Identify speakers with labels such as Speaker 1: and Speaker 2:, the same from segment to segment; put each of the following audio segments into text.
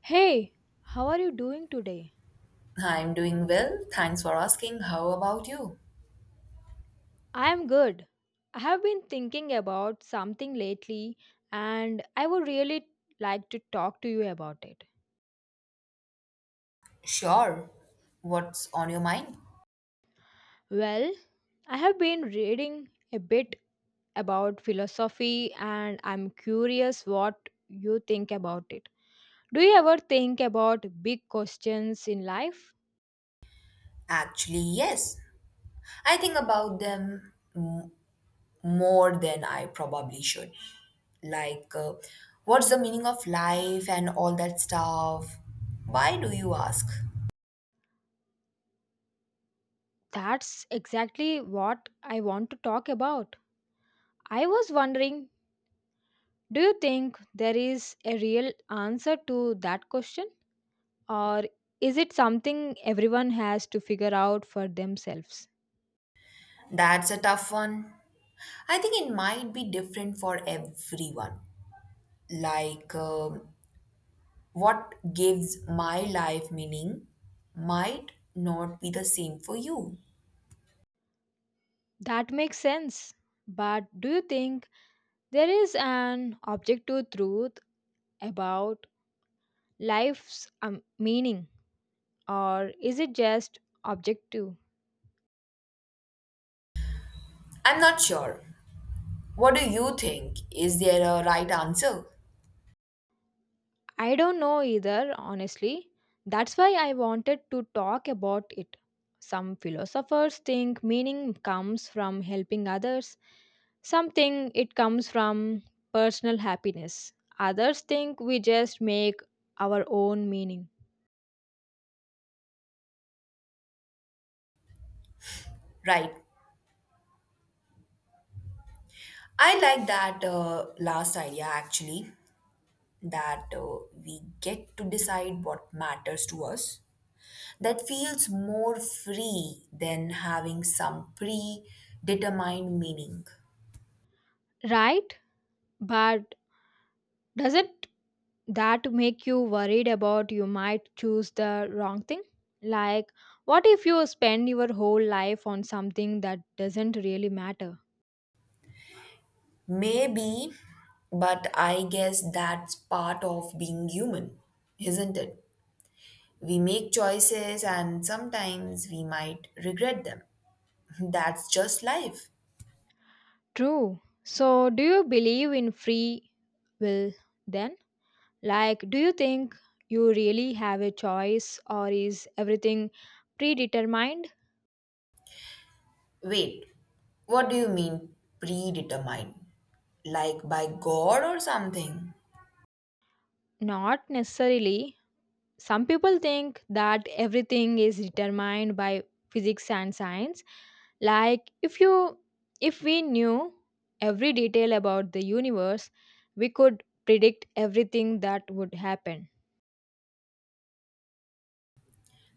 Speaker 1: Hey, how are you doing today?
Speaker 2: I'm doing well. Thanks for asking. How about you?
Speaker 1: I am good. I have been thinking about something lately, and I would really like to talk to you about it.
Speaker 2: Sure. What's on your mind?
Speaker 1: Well, I have been reading a bit about philosophy, and I'm curious what you think about it. Do you ever think about big questions in life?
Speaker 2: Actually, yes. I think about them more than I probably should. Like, what's the meaning of life and all that stuff? Why do you ask?
Speaker 1: That's exactly what I want to talk about. I was wondering, do you think there is a real answer to that question, or is it something everyone has to figure out for themselves?
Speaker 2: That's a tough one. I think it might be different for everyone. Like, what gives my life meaning might not be the same for you.
Speaker 1: That makes sense. But do you think there is an objective truth about life's meaning, or is it just objective?
Speaker 2: I'm not sure. What do you think? Is there a right answer?
Speaker 1: I don't know either, honestly. That's why I wanted to talk about it. Some philosophers think meaning comes from helping others, some think it comes from personal happiness, others think we just make our own meaning.
Speaker 2: Right. I like that last idea actually, that we get to decide what matters to us. That feels more free than having some predetermined meaning.
Speaker 1: Right? But doesn't that make you worried about you might choose the wrong thing? Like, what if you spend your whole life on something that doesn't really matter?
Speaker 2: Maybe, but I guess that's part of being human, isn't it? We make choices and sometimes we might regret them. That's just life.
Speaker 1: True. So, do you believe in free will then? Like, do you think you really have a choice, or is everything predetermined?
Speaker 2: Wait, what do you mean predetermined? Like by God or something?
Speaker 1: Not necessarily. Some people think that everything is determined by physics and science. Like, if we knew every detail about the universe, we could predict everything that would happen.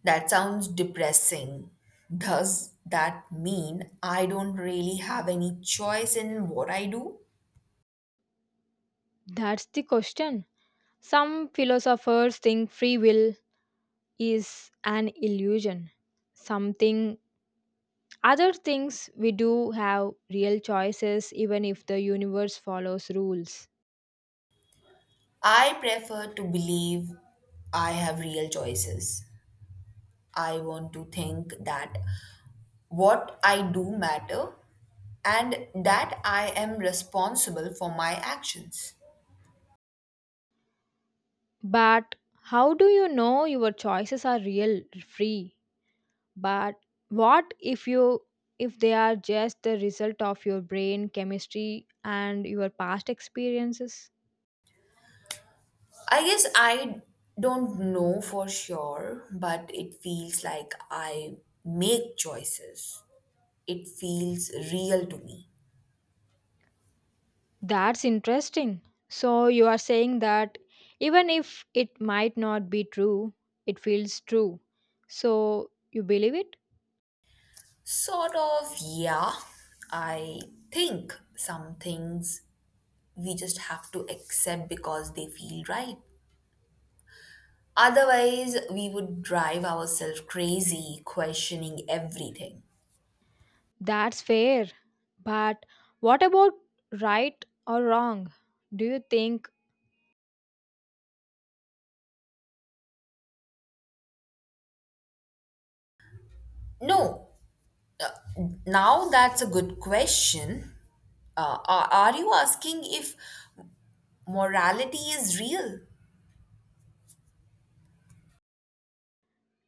Speaker 2: That sounds depressing. Does that mean I don't really have any choice in what I do?
Speaker 1: That's the question. Some philosophers think free will is an illusion, something other things we do have real choices even if the universe follows rules.
Speaker 2: I prefer to believe I have real choices. I want to think that what I do matter and that I am responsible for my actions.
Speaker 1: But how do you know your choices are real free? But what if you if they are just the result of your brain chemistry and your past experiences?
Speaker 2: I guess I don't know for sure, but it feels like I make choices. It feels real to me.
Speaker 1: That's interesting. So you are saying that even if it might not be true, it feels true. So you believe it?
Speaker 2: Sort of, yeah. I think some things we just have to accept because they feel right. Otherwise, we would drive ourselves crazy questioning everything.
Speaker 1: That's fair. But what about right or wrong? Do you think
Speaker 2: No, uh, now that's a good question. Are you asking if morality is real.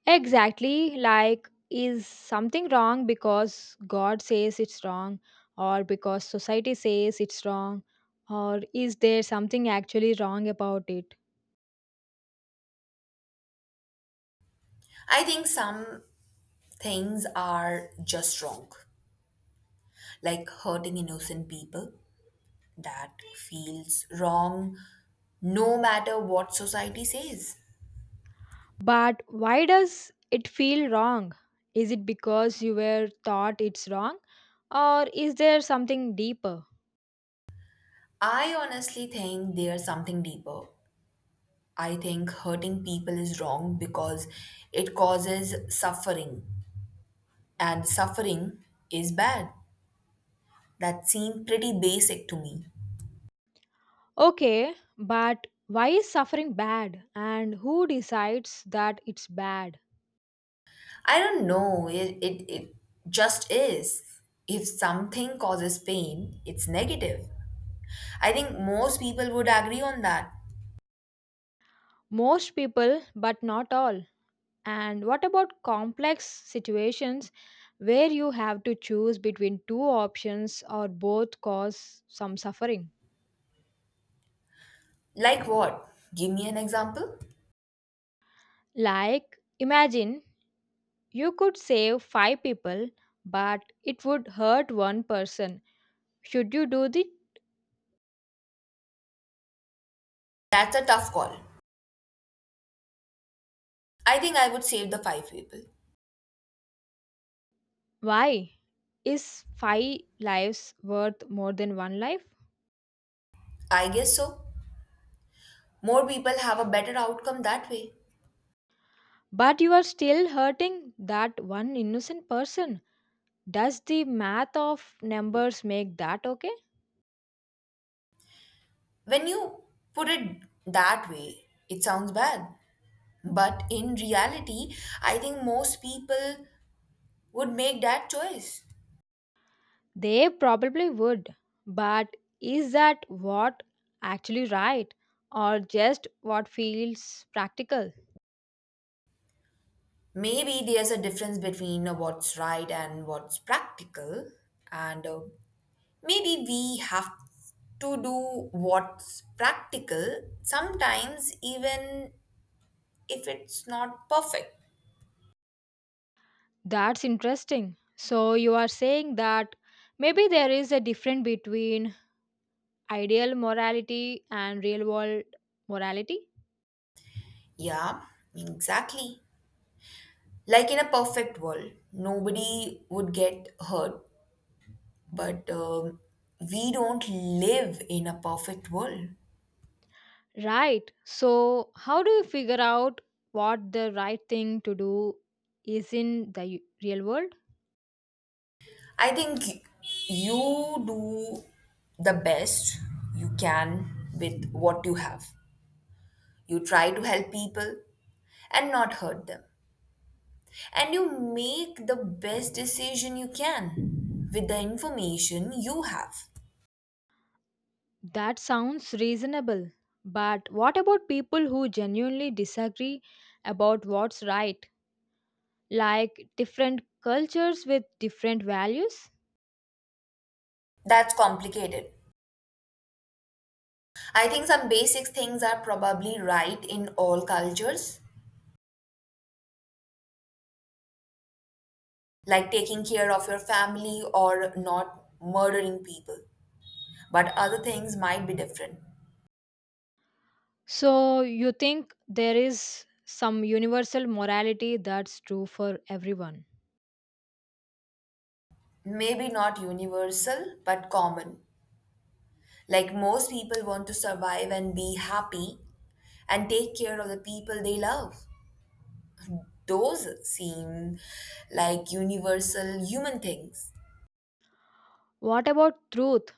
Speaker 1: exactly like is something wrong because God says it's wrong, or because society says it's wrong, or is there something actually wrong about it?
Speaker 2: I think some things are just wrong, like hurting innocent people. That feels wrong no matter what society says.
Speaker 1: But why does it feel wrong? Is it because you were taught it's wrong? Or is there something deeper?
Speaker 2: I honestly think there's something deeper. I think hurting people is wrong because it causes suffering, and suffering is bad. That seemed pretty basic to me.
Speaker 1: Okay, but why is suffering bad? And who decides that it's bad?
Speaker 2: I don't know. It just is. If something causes pain, it's negative. I think most people would agree on that.
Speaker 1: Most people, but not all. And what about complex situations where you have to choose between two options or both cause some suffering?
Speaker 2: Like what? Give me an example.
Speaker 1: Like, imagine you could save five people, but it would hurt one person. Should you do the
Speaker 2: That's a tough call. I think I would save the five people.
Speaker 1: why? Is five lives worth more than one life?
Speaker 2: I guess so. More people have a better outcome that way.
Speaker 1: But you are still hurting that one innocent person. Does the math of numbers make that okay?
Speaker 2: When you put it that way, it sounds bad. But in reality, I think most people would make that choice.
Speaker 1: They probably would. But is that what actually right, or just what feels practical?
Speaker 2: Maybe there's a difference between what's right and what's practical, and maybe we have to do what's practical sometimes, even if it's not perfect.
Speaker 1: That's interesting. So you are saying that maybe there is a difference between ideal morality and real world morality?
Speaker 2: Yeah, exactly. Like in a perfect world nobody would get hurt, but we don't live in a perfect world.
Speaker 1: Right. So how do you figure out what the right thing to do is in the real world?
Speaker 2: I think you do the best you can with what you have. You try to help people and not hurt them. And you make the best decision you can with the information you have.
Speaker 1: That sounds reasonable. But what about people who genuinely disagree about what's right? Like different cultures with different values?
Speaker 2: That's complicated. I think some basic things are probably right in all cultures, like taking care of your family or not murdering people. But other things might be different.
Speaker 1: So you think there is some universal morality that's true for everyone.
Speaker 2: Maybe not universal, but common. Like most people want to survive and be happy and take care of the people they love. Those seem like universal human things.
Speaker 1: What about truth?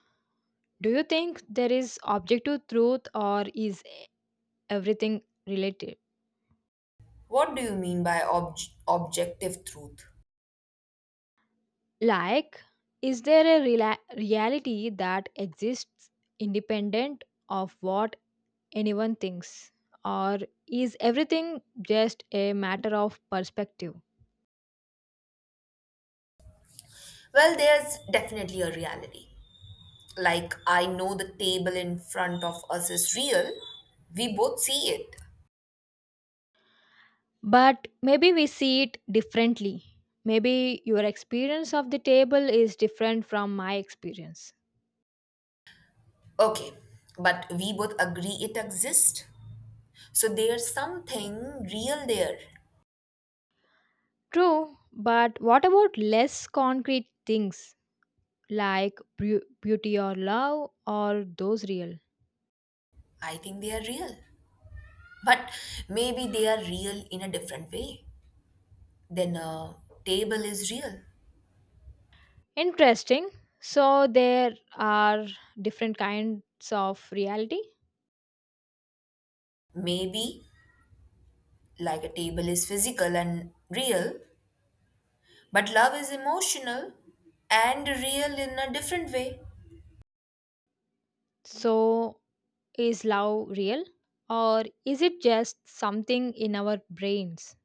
Speaker 1: Do you think there is objective truth, or is everything related?
Speaker 2: What do you mean by objective truth?
Speaker 1: Like, is there a reality that exists independent of what anyone thinks? Or is everything just a matter of perspective?
Speaker 2: Well, there's definitely a reality. Like, I know the table in front of us is real. We both see it.
Speaker 1: But maybe we see it differently. Maybe your experience of the table is different from my experience.
Speaker 2: Okay, but we both agree it exists. So there's something real there.
Speaker 1: True, but what about less concrete things like beauty or love or those real?
Speaker 2: I think they are real. But maybe they are real in a different way than a table is real.
Speaker 1: Interesting. So there are different kinds of reality.
Speaker 2: Maybe like a table is physical and real, but love is emotional and real in a different way.
Speaker 1: So is love real, or is it just something in our brains?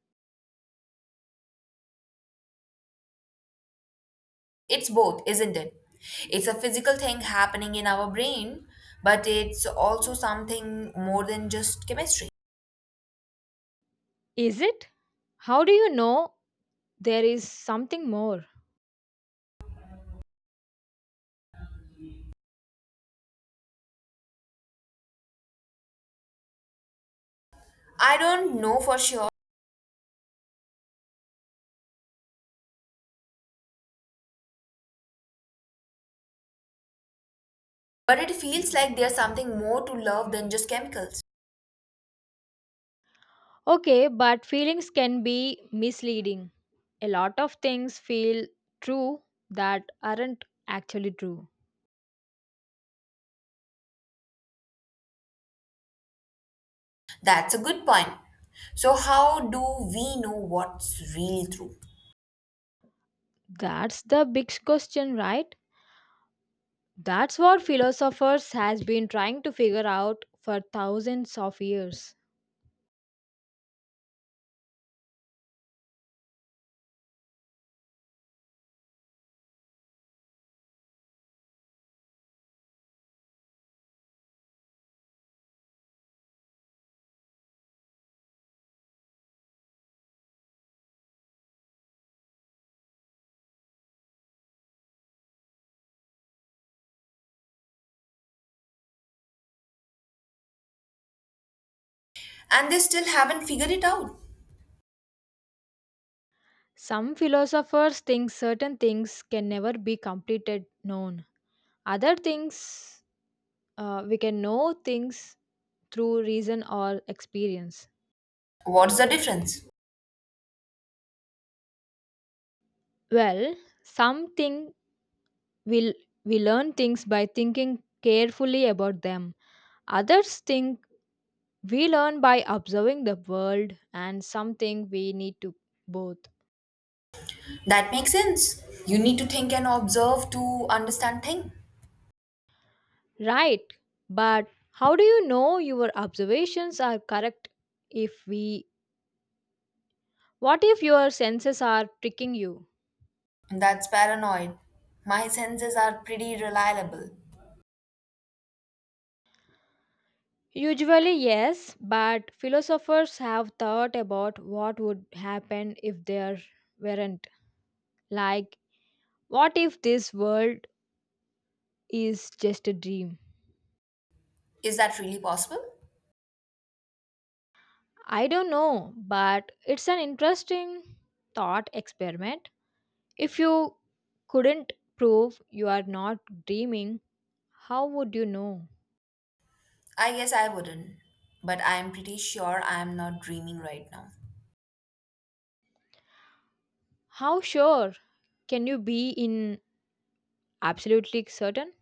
Speaker 2: It's both, isn't it? It's a physical thing happening in our brain, but it's also something more than just chemistry.
Speaker 1: Is it? How do you know there is something more.
Speaker 2: I don't know for sure, but it feels like there's something more to love than just chemicals.
Speaker 1: Okay, but feelings can be misleading. A lot of things feel true that aren't actually true.
Speaker 2: That's a good point. So, how do we know what's really true?
Speaker 1: That's the big question, right? That's what philosophers has been trying to figure out for thousands of years.
Speaker 2: And they still haven't figured it out.
Speaker 1: Some philosophers think certain things can never be completed known. Other things we can know things through reason or experience.
Speaker 2: What's the difference?
Speaker 1: Well, something we, we learn things by thinking carefully about them. Others think we learn by observing the world and something we need to both.
Speaker 2: That makes sense. You need to think and observe to understand thing.
Speaker 1: Right, but how do you know your observations are correct if we what if your senses are tricking you?
Speaker 2: That's paranoid. My senses are pretty reliable.
Speaker 1: Usually, yes, but philosophers have thought about what would happen if there weren't. Like, what if this world is just a dream?
Speaker 2: Is that really possible?
Speaker 1: I don't know, but it's an interesting thought experiment. If you couldn't prove you are not dreaming, how would you know?
Speaker 2: I guess I wouldn't. But I'm pretty sure I'm not dreaming right now.
Speaker 1: How sure can you be in absolutely certain?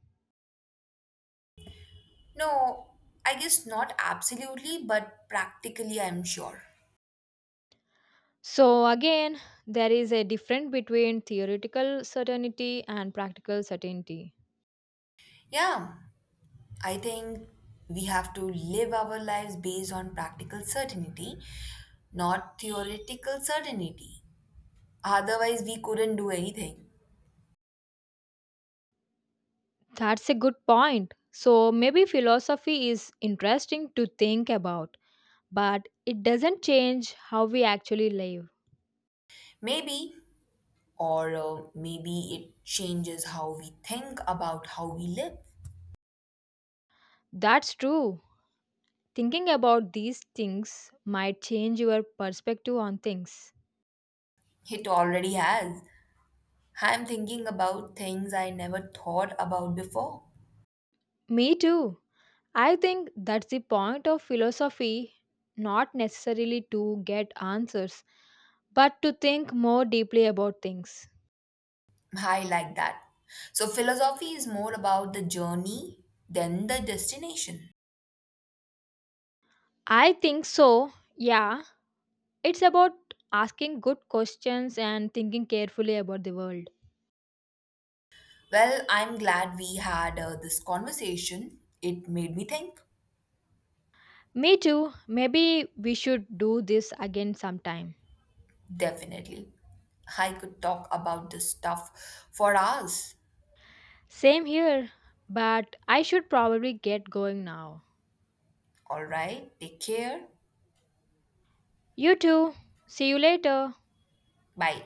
Speaker 2: No, I guess not absolutely, but practically I'm sure.
Speaker 1: So, again, there is a difference between theoretical certainty and practical certainty.
Speaker 2: Yeah, I think we have to live our lives based on practical certainty, not theoretical certainty. Otherwise, we couldn't do anything.
Speaker 1: That's a good point. So, maybe philosophy is interesting to think about, but it doesn't change how we actually live.
Speaker 2: Maybe, or maybe it changes how we think about how we live.
Speaker 1: That's true. Thinking about these things might change your perspective on things.
Speaker 2: It already has. I'm thinking about things I never thought about before.
Speaker 1: Me too. I think that's the point of philosophy, not necessarily to get answers, but to think more deeply about things.
Speaker 2: I like that. So, philosophy is more about the journey than the destination.
Speaker 1: I think so. Yeah, it's about asking good questions and thinking carefully about the world.
Speaker 2: Well, I'm glad we had this conversation. It made me think.
Speaker 1: Me too. Maybe we should do this again sometime.
Speaker 2: Definitely. I could talk about this stuff for hours.
Speaker 1: Same here, but I should probably get going now.
Speaker 2: All right, take care.
Speaker 1: You too. See you later.
Speaker 2: Bye.